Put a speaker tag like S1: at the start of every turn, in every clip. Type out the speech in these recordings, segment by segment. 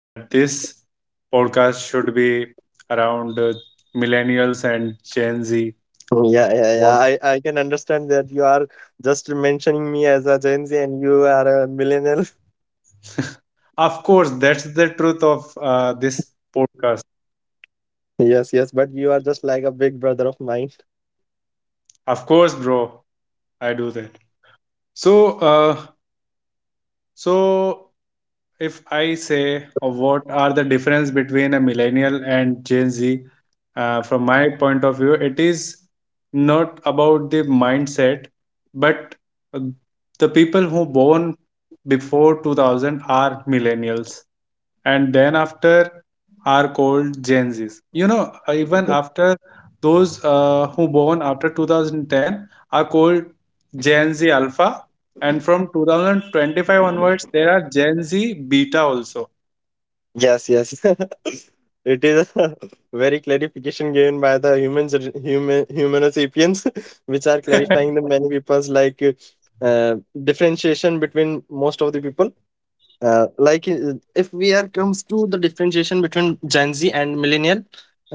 S1: that this podcast should be around millennials and Gen Z.
S2: Yeah, yeah, yeah.
S1: What?
S2: I can understand that you are just mentioning me as a Gen Z and you are a millennial.
S1: Of course, that's the truth of this podcast.
S2: Yes, yes, but you are just like a big brother of mine.
S1: Of course, bro, I do that. So, uh, so if I say what are the difference between a millennial and Gen Z, from my point of view, it is not about the mindset, but uh, the people who born before 2000 are millennials and then after are called Gen Zs. Even after those who born after 2010 are called Gen Z Alpha, and from 2025 onwards, there are Gen Z Beta also.
S2: Yes, yes. It is a very clarification given by the humans, humano sapiens, which are clarifying the many people's like uh, differentiation between most of the people if we are comes to the differentiation between gen z and millennial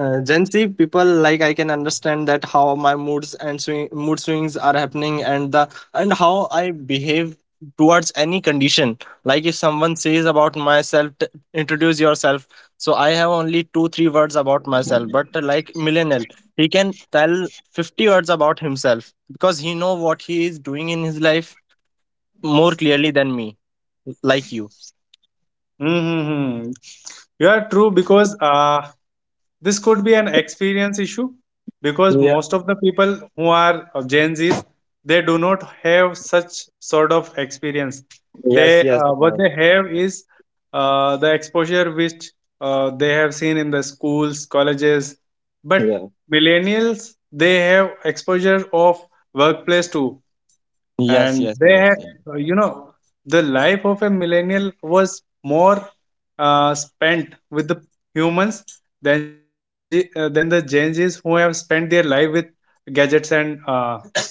S2: gen z people like I can understand that how my mood swings are happening and the and how I behave towards any condition like if someone says about introduce yourself so I have only two three words about myself but like millennial he can tell 50 words about himself because he know what he is doing in his life more clearly than me like you.
S1: Mm-hmm. You are true because this could be an experience issue because most of the people who are of Gen Zs, they do not have such sort of experience.
S2: Yes,
S1: They
S2: yes.
S1: What
S2: I-
S1: they have is the exposure which they have seen in the schools, colleges, but
S2: Yeah.
S1: millennials they have exposure of workplace too,
S2: Yes,
S1: and
S2: yes,
S1: they
S2: yes,
S1: had
S2: yes.
S1: you know, the life of a millennial was more spent with the humans than than the Gen Zs who have spent their life with gadgets and uh,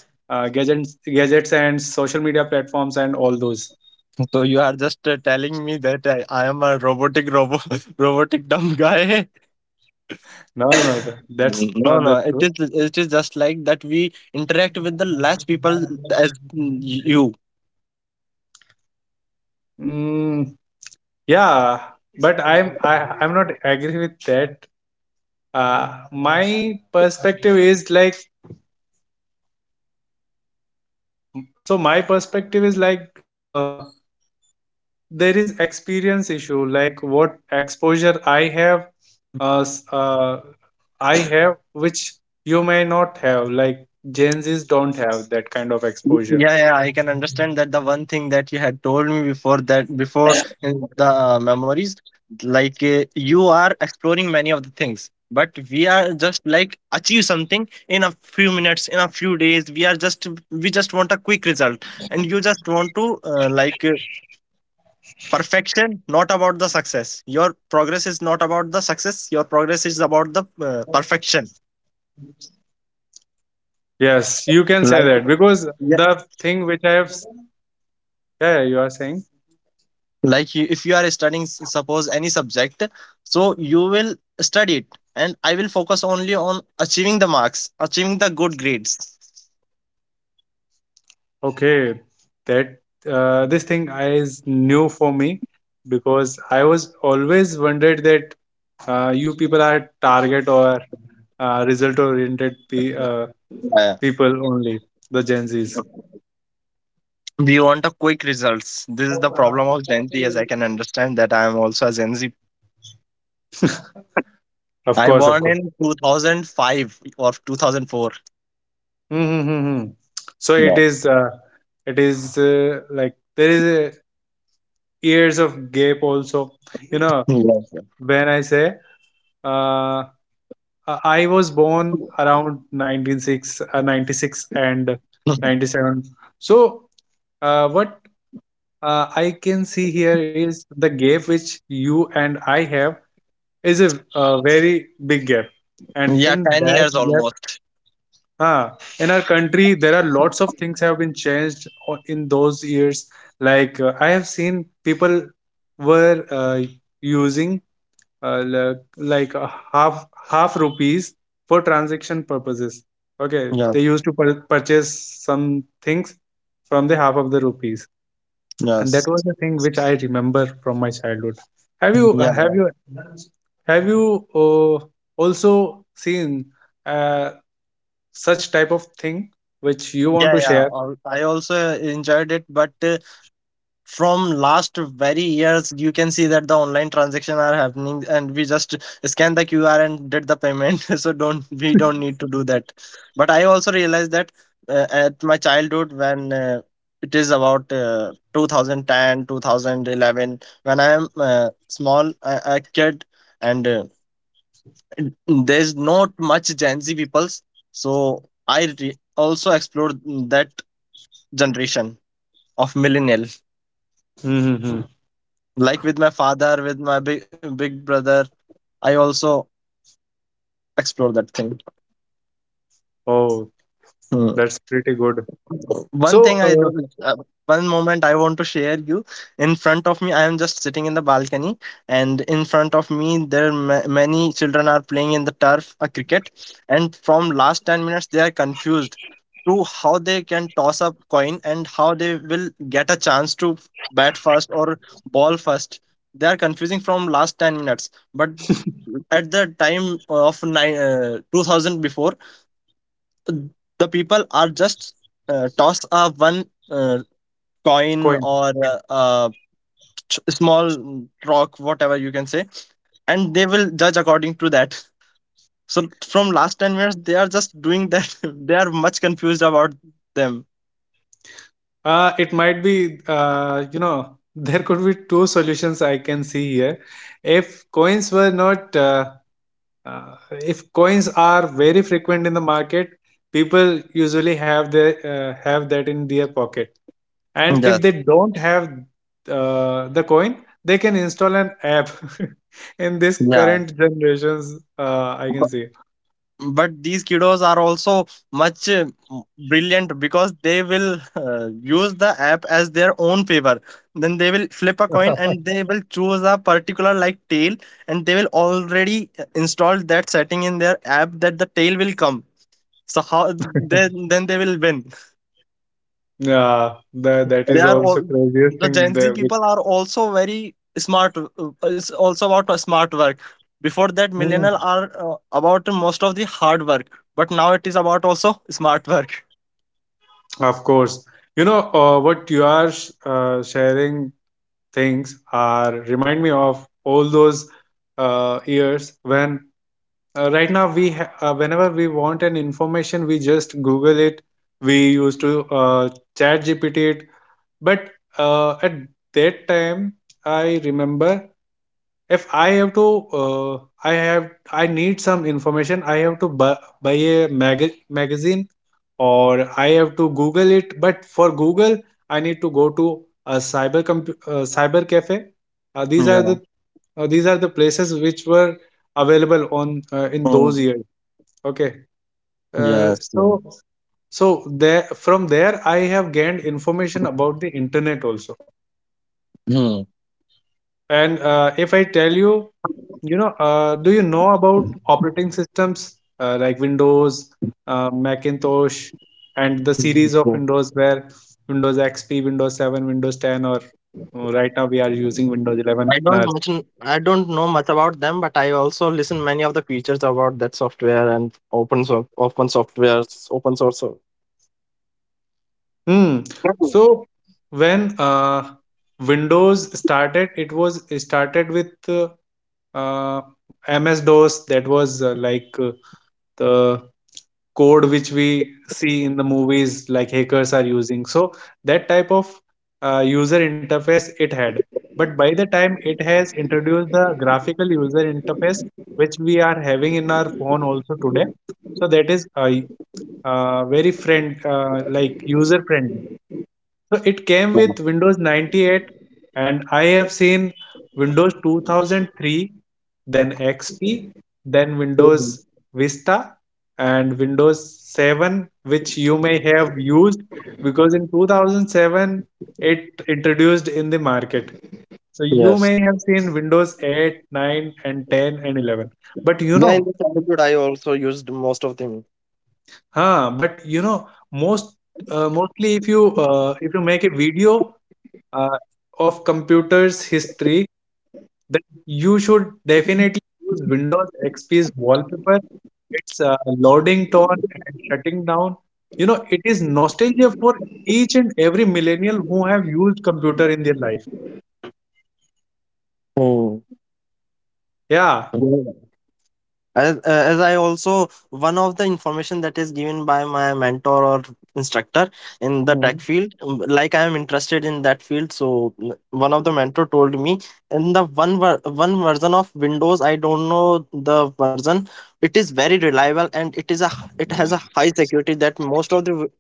S1: uh, gadgets gadgets and social media platforms and all those.
S2: So you are just telling me that I am a robotic robo robotic dumb guy.
S1: No, no, no,
S2: Mm,
S1: that's
S2: no,
S1: not the
S2: no. It
S1: true.
S2: is it is just like that we interact with the less people as mm, you.
S1: Mm, yeah, but I'm not agree with that. My perspective is like, my perspective is like, there is experience issue like what exposure I have uh, s- uh, I have which you may not have, like gen z's don't have that kind of exposure.
S2: Yeah, yeah, I can understand that the one thing that you had told me before in the memories, like you are exploring many of the things, but we are just like achieve something in a few minutes, in a few days. We just want a quick result, and you just want to perfection, not about the success. Your progress is not about the success. Your progress is about the perfection.
S1: Yes, you can say that
S2: Like
S1: because the thing which I have yeah, yeah, you are saying.
S2: like you, if you are studying suppose any subject so you will study it and I will focus only on achieving the good grades.
S1: Okay, that this thing I is new for me because I was always wondered that you people are target or result oriented
S2: Uh,
S1: people only, the gen z's.
S2: we want a quick results. This is the problem of gen z as I can understand that I am also a gen z.
S1: Of
S2: I
S1: course, of
S2: born
S1: course.
S2: in 2005 or 2004.
S1: Mm-hmm. So
S2: yeah
S1: it is like there is a years of gap also, you know.
S2: yeah,
S1: When I say uh, I was born around 1996, 96 and
S2: yeah.
S1: 97 So what I can see here is the gap which you and I have is a very big gap, and
S2: Yeah
S1: in
S2: 10
S1: that
S2: years
S1: gap,
S2: almost.
S1: ah, in our country there are lots of things have been changed in those years. Like I have seen people were using uh, like, like uh, half half rupees for transaction purposes. Okay,
S2: Yeah.
S1: they used to purchase some things from the half of the rupees, and
S2: Yes.
S1: that was the thing which I remember from my childhood. Have you uh, have
S2: yeah
S1: you have you also seen uh, such type of thing which you want to
S2: yeah,
S1: share?
S2: I also enjoyed it but from last very years you can see that the online transaction are happening and we just scan the qr and did the payment so don't need to do that but I also realized that at my childhood when it is about 2010 when I am small a kid and there's not much gen z peoples so also explored that generation of millennial.
S1: Mm-hmm.
S2: Like with my father, with my big brother, I also explore that thing.
S1: Oh,
S2: Hmm.
S1: that's pretty good.
S2: One
S1: So,
S2: thing I do, one moment I want to share you. In front of me, I am just sitting in the balcony, and in front of me, many children are playing in the turf a cricket, and from last 10 minutes, they are confused to how they can toss up coin and how they will get a chance to bat first or ball first. They are confusing from last 10 minutes, but at the time of nine, 2000 before the people are just toss a one uh, coin
S1: coin.
S2: or a small rock whatever you can say and they will judge according to that so from last 10 years they are just doing that they are much confused about them.
S1: It might be, you know, there could be two solutions I can see here. If coins were not uh, if coins are very frequent in the market, people usually have their have that in their pocket. And
S2: Yeah,
S1: if they don't have the coin, they can install an app. In this
S2: yeah,
S1: current generations, I can see.
S2: but these kiddos are also much brilliant because they will use the app as their own favor then they will flip a coin and they will choose a particular like tail and they will already install that setting in their app that the tail will come so how then they will win.
S1: Yeah, that that
S2: They
S1: is
S2: are all
S1: also craziest
S2: the
S1: thing
S2: gen z
S1: there. Which,
S2: people are also very smart it's also about a smart work before that
S1: mm,
S2: millennial are about most of the hard work but now it is about also smart work.
S1: of course, what you are sharing things are remind me of all those years when right now we whenever we want an information we just google it, we used to uh, chat gpt it. But at that time I remember if I have to uh, I need some information I have to buy a magazine, or I have to google it. But for google I need to go to a cyber cafe. uh, these are the
S2: Yeah.
S1: these are the places which were available on in those
S2: Mm.
S1: years. Okay, uh,
S2: Yes, yeah.
S1: so so there, from there I have gained information about the internet also.
S2: Hmm.
S1: And if I tell you, you know, do you know about operating systems like Windows, Macintosh, and the series of
S2: So,
S1: Windows where Windows XP, Windows 7, Windows 10, or right now we are using Windows 11.
S2: I don't
S1: Now.
S2: much, I don't know much about them, but I also listen many of the features about that software and open software, open source. So-
S1: Hmm.
S2: Mhm.
S1: So when Windows started, it was started with uh, MS DOS, that was the code which we see in the movies like hackers are using. So that type of user interface it had. But by the time it has introduced the graphical user interface which we are having in our phone also today. So that is very friend like user friendly. So it came with Windows 98, and I have seen Windows 2003, then XP, then
S2: Mhm.
S1: Windows Vista, and Windows 7, which you may have used because in 2007 it introduced in the market. So you
S2: Yes.
S1: may have seen Windows 8, 9, and 10 and 11. But you
S2: Yeah, in
S1: know,
S2: the childhood, I also used most of them.
S1: huh, but you know, most mostly if you make a video uh, of computers history, that you should definitely use Windows XP's wallpaper. It's loading tone and shutting down. You know, it is nostalgia for each and every millennial who have used computer in their life. Yeah.
S2: Yeah. As I also, one of the information that is given by my mentor or instructor in the tech
S1: Mhm.
S2: field, like I am interested in that field. So one of the mentor told me in the one version of Windows, I don't know the version. It is very reliable and it is it has a high security that most of the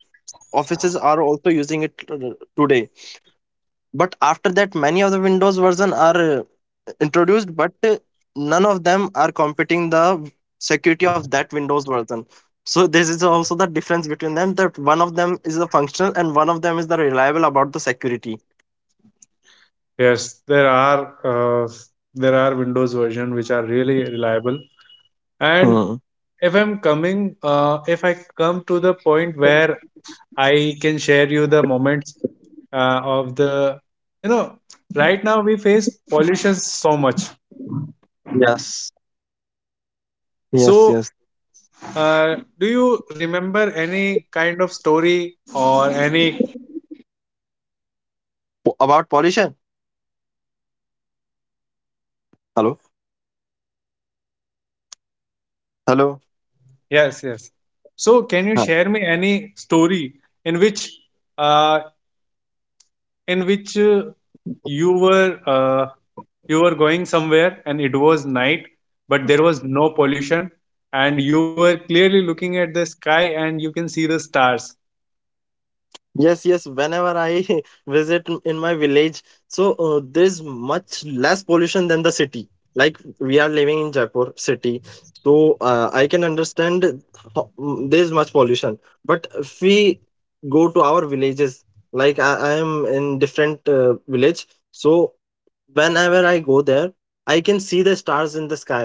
S2: offices are also using it today. But after that, many of the Windows version are introduced, but none of them are competing the security of that Windows version. So this is also the difference between them that one of them is the functional and one of them is the reliable about the security.
S1: Yes, there are Windows version which are really reliable. And
S2: Hmm.
S1: if if I come to the point where I can share you the moments of the, you know, right now we face pollution so much.
S2: Yes. Yes,
S1: So
S2: yes.
S1: do you remember any kind of story or any,
S2: About pollution. Hello. Hello.
S1: yes, yes, so can you share me any story in which uh, in which uh, you were uh, you were going somewhere and it was night, but there was no pollution, and you were clearly looking at the sky and you can see the stars.
S2: Yes, yes. Whenever I visit in my village, so there's much less pollution than the city. Like we are living in Jaipur city, so I can understand there's much pollution. But if we go to our villages, like I am in different village, so whenever I go there I can see the stars in the sky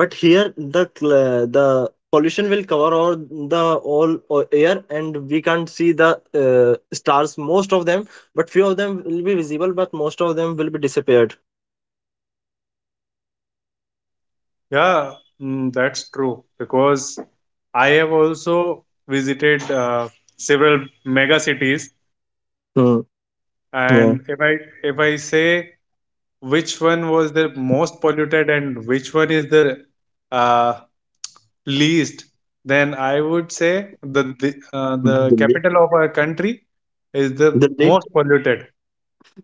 S2: but here the pollution will cover all the air and we can't see the stars most of them but few of them will be visible but most of them will be disappeared.
S1: Yeah, mm, that's true because I have also visited several mega cities,
S2: Hmm. Yeah.
S1: and if I, if I say which one was the most polluted and which one is the uh, least, then I would say the capital of our country is the
S2: Delhi.
S1: most polluted.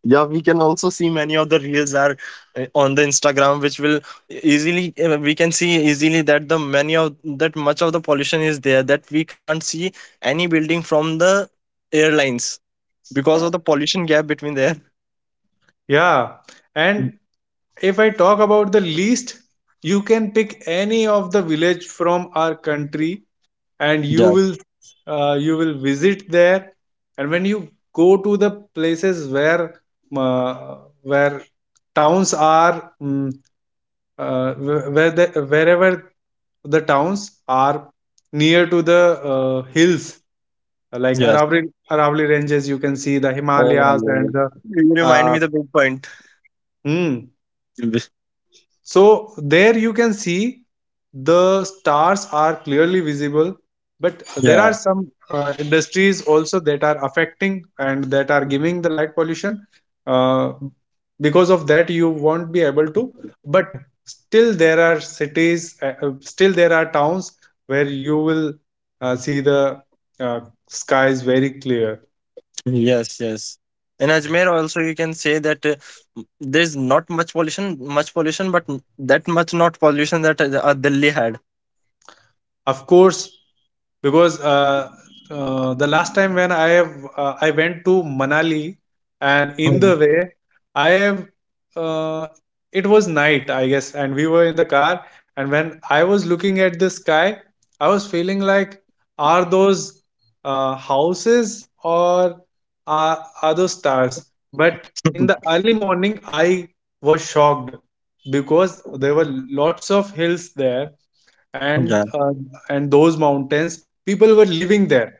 S2: Yeah we can also see many of the reels are on the instagram which will easily we can see easily that the many of that much of the pollution is there that we can't see any building from the airlines because of the pollution gap between there.
S1: Yeah, and if I talk about the least, you can pick any of the village from our country and
S2: Yeah.
S1: you will visit there, and when you go to the places where uh, where towns are, wherever the towns are near to the hills like
S2: Yes.
S1: Aravali, Aravali ranges, you can see the Himalayas and
S2: Oh,
S1: the
S2: you remind
S1: uh,
S2: me the big point.
S1: hmm,
S2: b-
S1: so there you can see the stars are clearly visible, but there are
S2: yeah.
S1: some industries also that are affecting and that are giving the light pollution. Uh, because of that, you won't be able to. But still, there are still there are towns where you will see the uh, skies very clear.
S2: Yes, yes. In ajmer also you can say that m- there's not much pollution much pollution but that much not pollution that delhi had.
S1: Of course, because the last time when I have I went to Manali, and in the
S2: Hmm.
S1: way I have, uh, it was night I guess and we were in the car, and when I was looking at the sky I was feeling like, are those houses, or are those stars? But in the early morning I was shocked because there were lots of hills there, and
S2: Yeah.
S1: uh, and those mountains people were living there,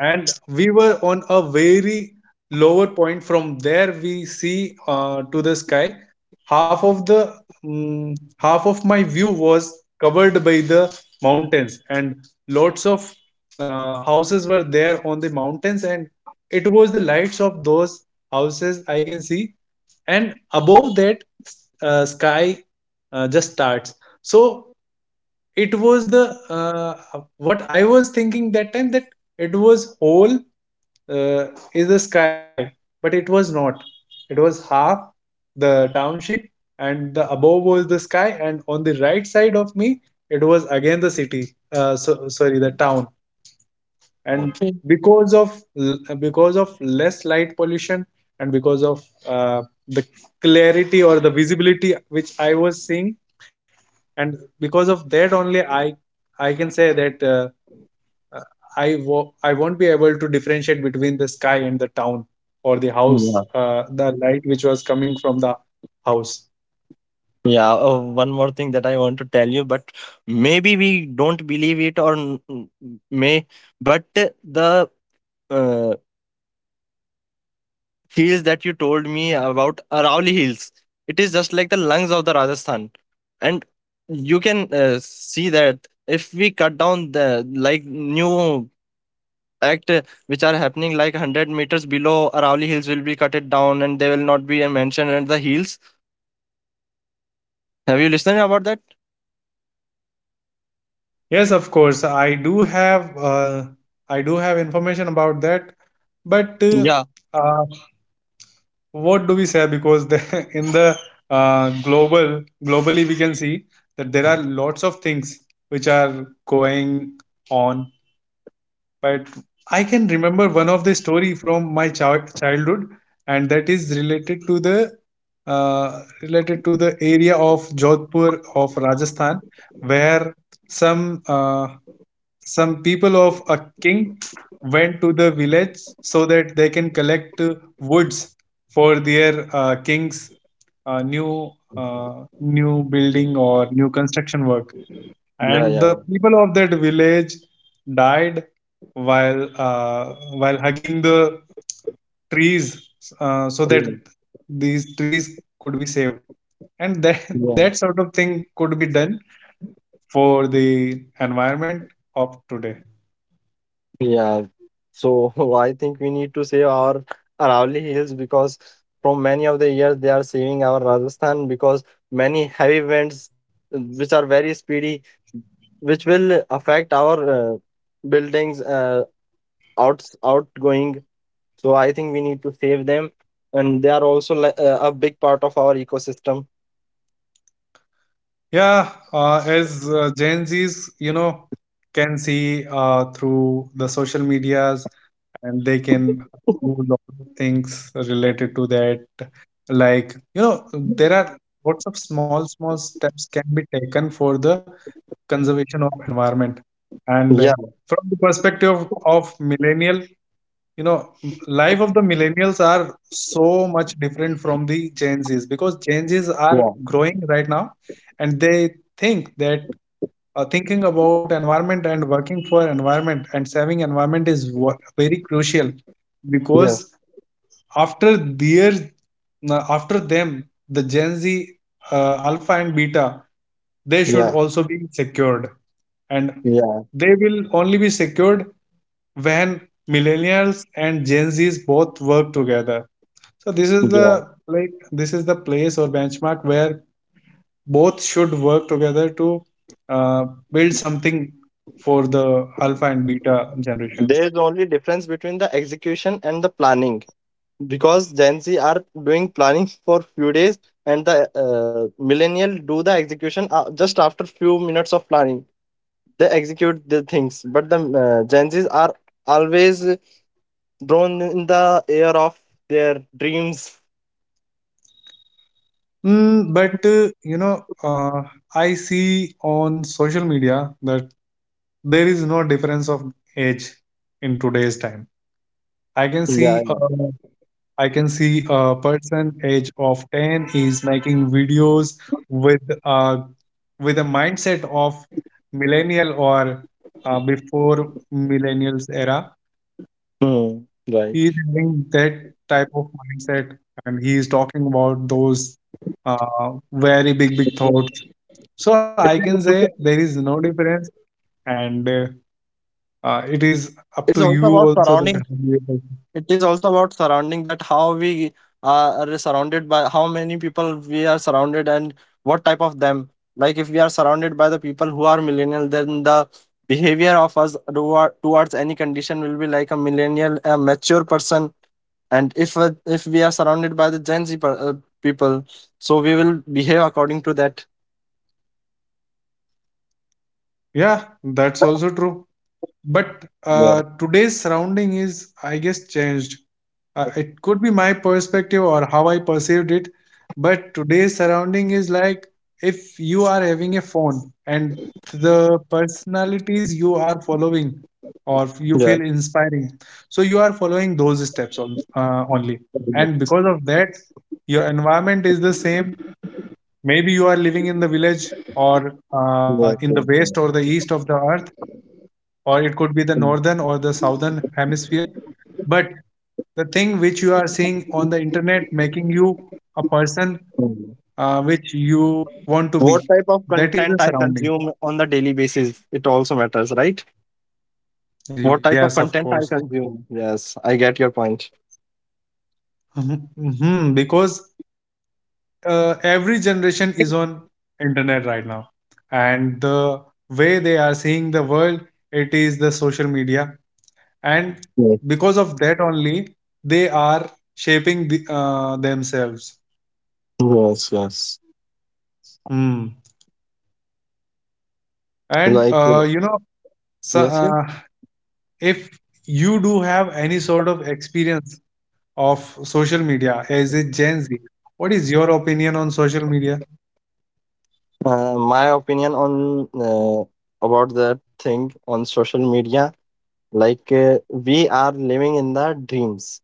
S1: and we were on a very lower point, from there we see to the sky. Half of the, mm half of my view was covered by the mountains, and lots of houses were there on the mountains, and it was the lights of those houses I can see, and above that sky, just starts. So it was the, what I was thinking that time, that it was whole uh, is the sky, but it was not, it was half the township, and the above was the sky, and on the right side of me it was again the city, so, sorry, the town. And
S2: Okay.
S1: because of because of less light pollution, and because of the clarity or the visibility which I was seeing, and because of that only I can say that uh, I won't be able to differentiate between the sky and the town, or the house,
S2: Yeah.
S1: the light which was coming from the house.
S2: Yeah. One more thing that I want to tell you, but maybe we don't believe it or may, but the uh, hills that you told me about Arauli Hills, it is just like the lungs of the Rajasthan. And you can see that if we cut down the like new act which are happening like 100 meters below Arauli Hills will be cut it down and they will not be mentioned at the hills. Have you listened about that?
S1: Yes, of course, I do have information about that, but
S2: Yeah.
S1: uh, what do we say? Because in the global globally, we can see that there are lots of things which are going on. But I can remember one of the story from my childhood, and that is related to the area of Jodhpur of Rajasthan, where some uh, some people of a king went to the village so that they can collect woods for their king's uh, new new building or new construction work,
S2: Yeah.
S1: and
S2: Yeah.
S1: the people of that village died while uh, while hugging the trees so that these trees could be saved, and that
S2: Yeah,
S1: that sort of thing could be done for the environment of today.
S2: yeah. So I think we need to save our Aravalli Hills because from many of the years they are saving our Rajasthan because many heavy winds which are very speedy, which will affect our buildings outgoing. So I think we need to save them, and they are also a big part of our ecosystem.
S1: Yeah, as Gen Z's can see through the social medias, and they can do a lot of things related to that. Like, there are lots of small, small steps can be taken for the conservation of environment. And
S2: Yeah,
S1: from the perspective of millennial, you know, life of the millennials are so much different from the Gen Zs, because Gen Zs are
S2: yeah,
S1: growing right now and they think that thinking about environment and working for environment and saving environment is very crucial,
S2: yes,
S1: because after their after them, the Gen Z, alpha and beta, they should
S2: yeah,
S1: also be secured. And
S2: yeah,
S1: they will only be secured when millennials and Gen Z's both work together. So
S2: yeah.
S1: like this is the place or benchmark where both should work together to uh, build something for the alpha and beta generations.
S2: There is only difference between the execution and the planning, because Gen Z are doing planning for few days and the millennial do the execution just after few minutes of planning. They execute the things but the Gen Zs are always drawn in the air of their dreams.
S1: Mm, but I see on social media that there is no difference of age in today's time. I can see,
S2: Yeah,
S1: uh,
S2: yeah.
S1: I can see a person age of ten is making videos with uh, with a mindset of millennial or before millennials era.
S2: Hmm,
S1: He is
S2: right.
S1: having that type of mindset, and he is talking about those very big big thoughts. So I can
S2: it
S1: say
S2: is
S1: there is
S2: also
S1: no difference. And it
S2: it
S1: is
S2: is also
S1: up to
S2: about
S1: you
S2: surroundings.
S1: also that how you are.
S2: It is also about surrounding that how we are surrounded by how many people we are surrounded and what type of them. Like if we are surrounded by the people who are millennial then the behavior of us towards any condition will be like a millennial, a mature person. And if we are surrounded by the gen z people so we will behave according to that.
S1: Yeah, that's also true, but
S2: Yeah,
S1: today's surrounding is, I guess, changed. It could be my perspective or how I perceived it, but today's surrounding is like, if you are having a phone and the personalities you are following or you
S2: yeah,
S1: feel inspiring, so you are following those steps on, only. And because of that, your environment is the same. Maybe you are living in the village, or
S2: yeah.
S1: in the
S2: Yeah,
S1: west or the
S2: yeah.
S1: east of the earth, or it could be the northern or the southern hemisphere. But the thing which you are seeing on the internet, making you a person
S2: Mhm.
S1: which you want to
S2: What
S1: be,
S2: type of
S1: that is
S2: content
S1: the
S2: I
S1: surrounding.
S2: consume on the daily basis, it also matters, right? What type
S1: Yes,
S2: of
S1: of
S2: content
S1: course.
S2: I consume? Yes, I get your point.
S1: Mhm, mhm. Because every generation is on internet right now, and the way they are seeing the world, it is the social media, and
S2: Yes,
S1: because of that only, they are shaping themselves.
S2: yes, yes.
S1: Hmm. And
S2: Like
S1: you know, so,
S2: yes, yes.
S1: if you do have any sort of experience of social media as a Gen Z, what is your opinion on social media?
S2: My opinion on about that thing on social media. Like we are living in the dreams.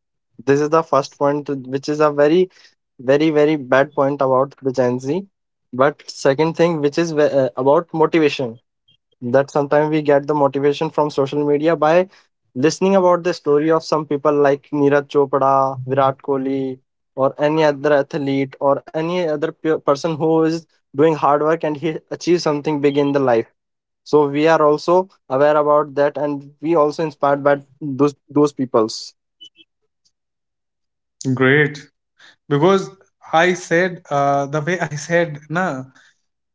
S2: This is the first point, which is a very, very, very bad point about the Gen Z. But second thing, which is about motivation that sometimes we get the motivation from social media by listening about the story of some people like Neeraj Chopra, Virat Kohli, or any other athlete or any other person who is doing hard work and he achieves something big in the life. So we are also aware about that, and we also inspired by those peoples.
S1: Great. Because I said, the way I said, na,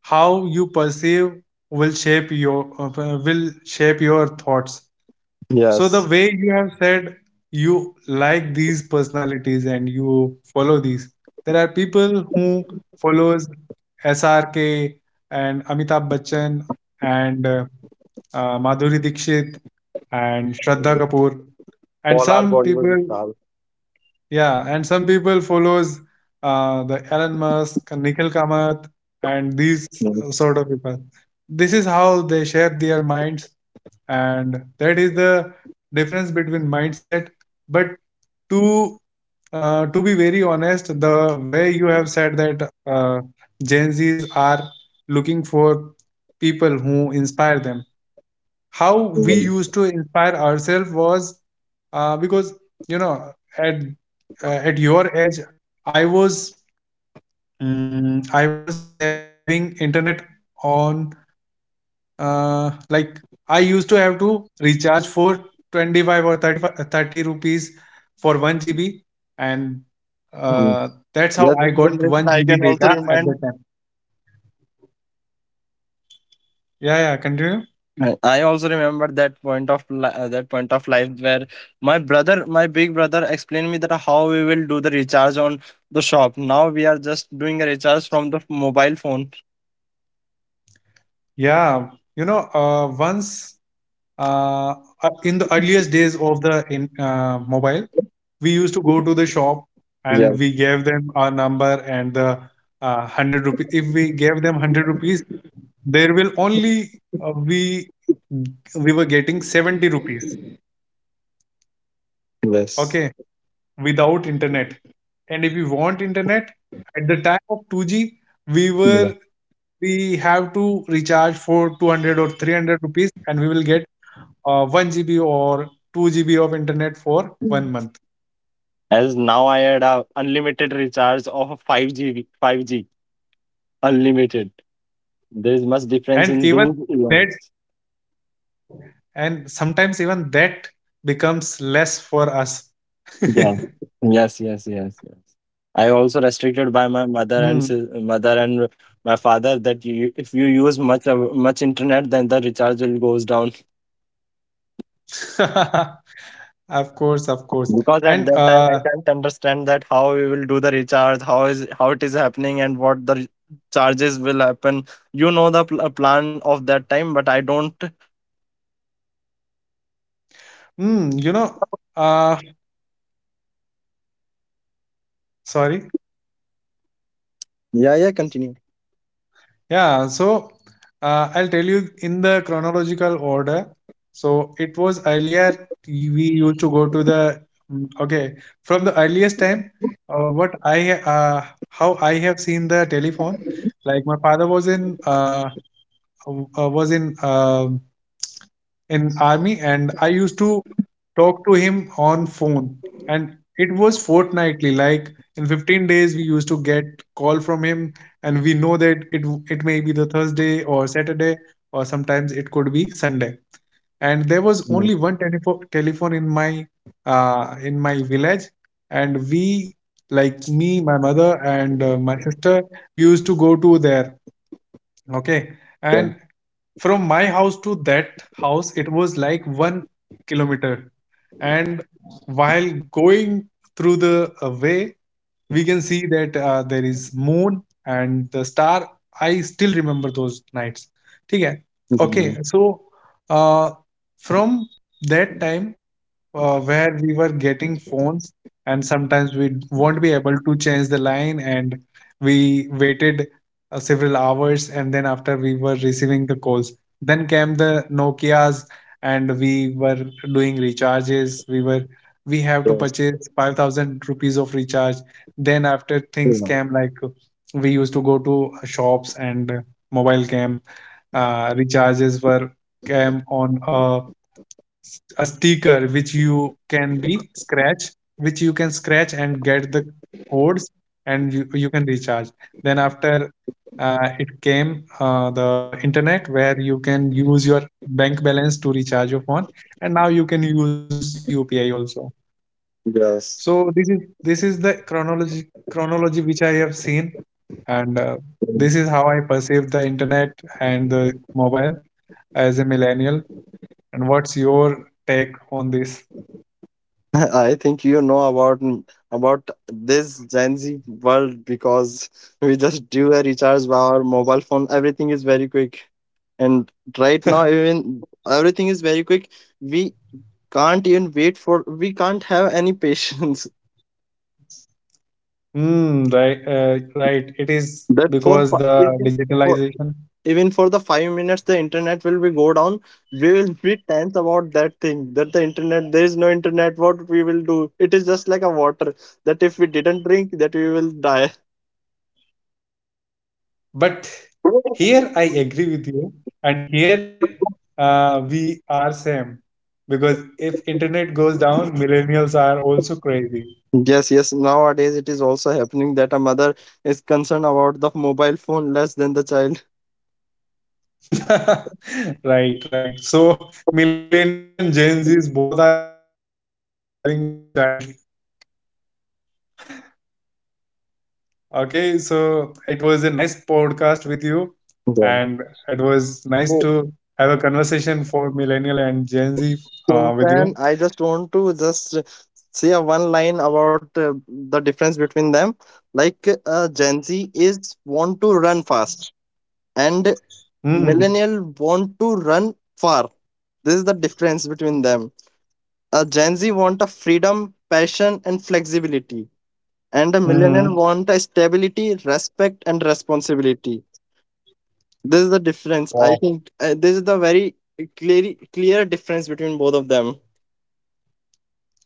S1: how you perceive will shape your thoughts. So the
S2: Yes,
S1: way you have said, you like these personalities and you follow these. There are people who follows SRK and Amitabh Bachchan and Madhuri Dixit and Shraddha Kapoor, and
S2: all our
S1: some
S2: Bollywood
S1: people,
S2: stars.
S1: yeah, and some people follows the Elon Musk, Nikhil Kamath, and these
S2: Mm,
S1: sort of people. This is how they shape their minds, and that is the difference between mindset. But to to be very honest, the way you have said that Gen Zs are looking for people who inspire them, how we
S2: mm,
S1: used to inspire ourselves was because you know at at your age I was, I was having internet on, like I used to have to recharge for 25 or 35 30 rupees for 1 GB, and
S2: mm.
S1: uh, that's how
S2: Yeah,
S1: I
S2: this
S1: got
S2: generation
S1: 1
S2: I
S1: gb
S2: can
S1: data
S2: also
S1: at the
S2: remind.
S1: time. Yeah, yeah, continue.
S2: I also remember that point of that point of life where my brother, my big brother, explained me that how we will do the recharge on the shop. Now we are just doing a recharge from the mobile phone.
S1: Yeah. Once, uh, in the earliest days of the mobile, we used to go to the shop
S2: Yeah.
S1: and we gave them our number and the hundred rupees. If we gave them hundred rupees, there will only uh, we we were getting 70 rupees.
S2: Yes.
S1: Okay, without internet. And if we want internet, at the time of two G, we
S2: Yeah.
S1: were we have to recharge for 200 or 300 rupees, and we will get 1 GB or 2 GB of internet for one month.
S2: As now I had a unlimited recharge of a 5G, 5G unlimited. There is much difference
S1: And
S2: in
S1: even
S2: those
S1: that,
S2: years.
S1: and sometimes even that becomes less for us.
S2: Yeah. Yes, yes, yes, yes. I also
S1: Hmm.
S2: restricted by my mother and mother and my father that you, if you use much much internet, then the recharge will goes down.
S1: Of course, of course. And
S2: Because at that time I can't understand that how we will do the recharge, how is how it is happening, and what the re- charges will happen. You know the plan of that time, but I don't.
S1: mm, you know, uh, sorry.
S2: Yeah, yeah. Continue.
S1: Yeah, so I'll tell you in the chronological order. So it was earlier, we used to go to the, okay, from the earliest time. Uh, what I ha- uh, how I have seen the telephone, like my father was in w- was in army, and I used to talk to him on phone, and it was fortnightly, like in 15 days we used to get call from him. And we know that it may be the Thursday or Saturday, or sometimes it could be Sunday. And there was
S2: Mm,
S1: only one telephone in my, in my village, and we, like me, my mother and my sister, we used to go to there. Okay.
S2: Yeah.
S1: And from my house to that house, it was like 1 kilometer. And while going through the way, we can see that there is moon and the star. I still remember those nights. ठीक है. Okay.
S2: Mhm.
S1: So uh, from that time where we were getting phones, and sometimes we won't be able to change the line and we waited several hours and then after, we were receiving the calls. Then came the Nokias, and we were doing recharges. We have to
S2: Yes.
S1: purchase 5,000 rupees of recharge. Then after, things
S2: Yeah.
S1: came like we used to go to shops, and mobile cam recharges were came on a sticker which you can be scratch, which you can scratch and get the codes, and you can recharge. Then after it came the internet, where you can use your bank balance to recharge your phone. And now you can use UPI also. So this is, this is the chronology which I have seen. And this
S2: Yes.
S1: is how I perceive the internet and the mobile as a millennial. And what's your take on this?
S2: I I think you know about about this Gen Z world because we just do a recharge by our mobile phone. Everything is very quick, and right now even everything is very quick. We can't even wait for. We can't have any patience.
S1: Mm, right, right. It is
S2: That for fi-
S1: because the
S2: even for
S1: digitalization.
S2: even for the 5 minutes the internet will be go down. We will be tense about that thing. That the internet, there is no internet. What we will do? It is just like a water. That if we didn't drink, that we will die.
S1: But here I agree with you, and here we are same, because if internet goes down, millennials are also crazy.
S2: Yes, yes. Nowadays, it is also happening that a mother is concerned about the mobile phone less than the child.
S1: Right, right. So millennials and Gen Zs both are having a child. Okay, so it was a nice podcast with you, and
S2: Yeah.
S1: it was nice to
S2: So,
S1: have a conversation for millennial and Gen Z with
S2: so
S1: you.
S2: then I just want to just say a one line about the difference between them. Like Gen Z is want to run fast, and
S1: Mm-hmm.
S2: millennial want to run far. This is the difference between them. A Gen Z want a freedom, passion, and flexibility and a millionaire
S1: Mm-hmm.
S2: want a stability, respect, and responsibility. This is the difference. I
S1: Wow.
S2: think this is the very clear difference between both of them.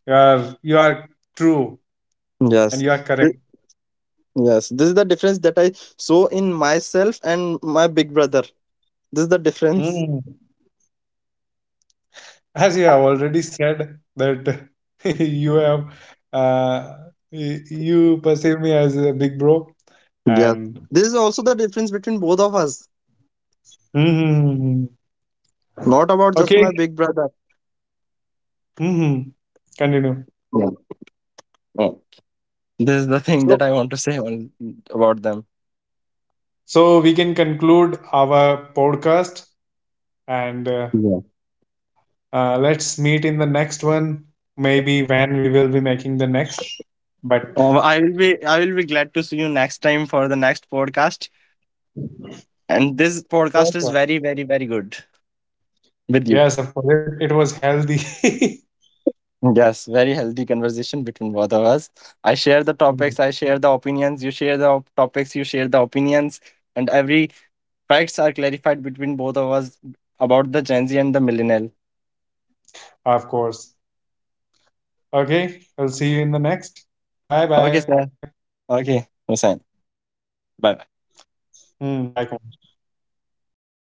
S1: You are true, and
S2: Yes.
S1: you are
S2: Th-
S1: correct.
S2: yes. This is the difference that I saw in myself and my big brother. This is the difference.
S1: Mm. As you have already said that you have uh, you perceive me as a big bro,
S2: Yes.
S1: and
S2: This is also the difference between both of us.
S1: hmm.
S2: Not about just
S1: Okay.
S2: my big brother.
S1: Hmm. Continue.
S2: Yeah. Oh. This is the thing that
S1: So
S2: I want to say on, about them.
S1: So we can conclude our podcast, and
S2: Yeah.
S1: let's meet in the next one. Maybe when we will be making the next. But
S2: I will be glad to see you next time for the next podcast. And this
S1: sure,
S2: podcast
S1: sure.
S2: is very, very, very good with
S1: Yes,
S2: you.
S1: of course, it was healthy.
S2: Yes, very healthy conversation between both of us. I share the
S1: Mm.
S2: topics, I share the opinions, you share the topics, you share the opinions, and every facts are clarified between both of us about the Gen Z and the millennial.
S1: Of course. Okay, I'll see you in the next. Bye bye.
S2: Okay, sir. Okay, Hussein. Bye.
S1: Hmm, bye.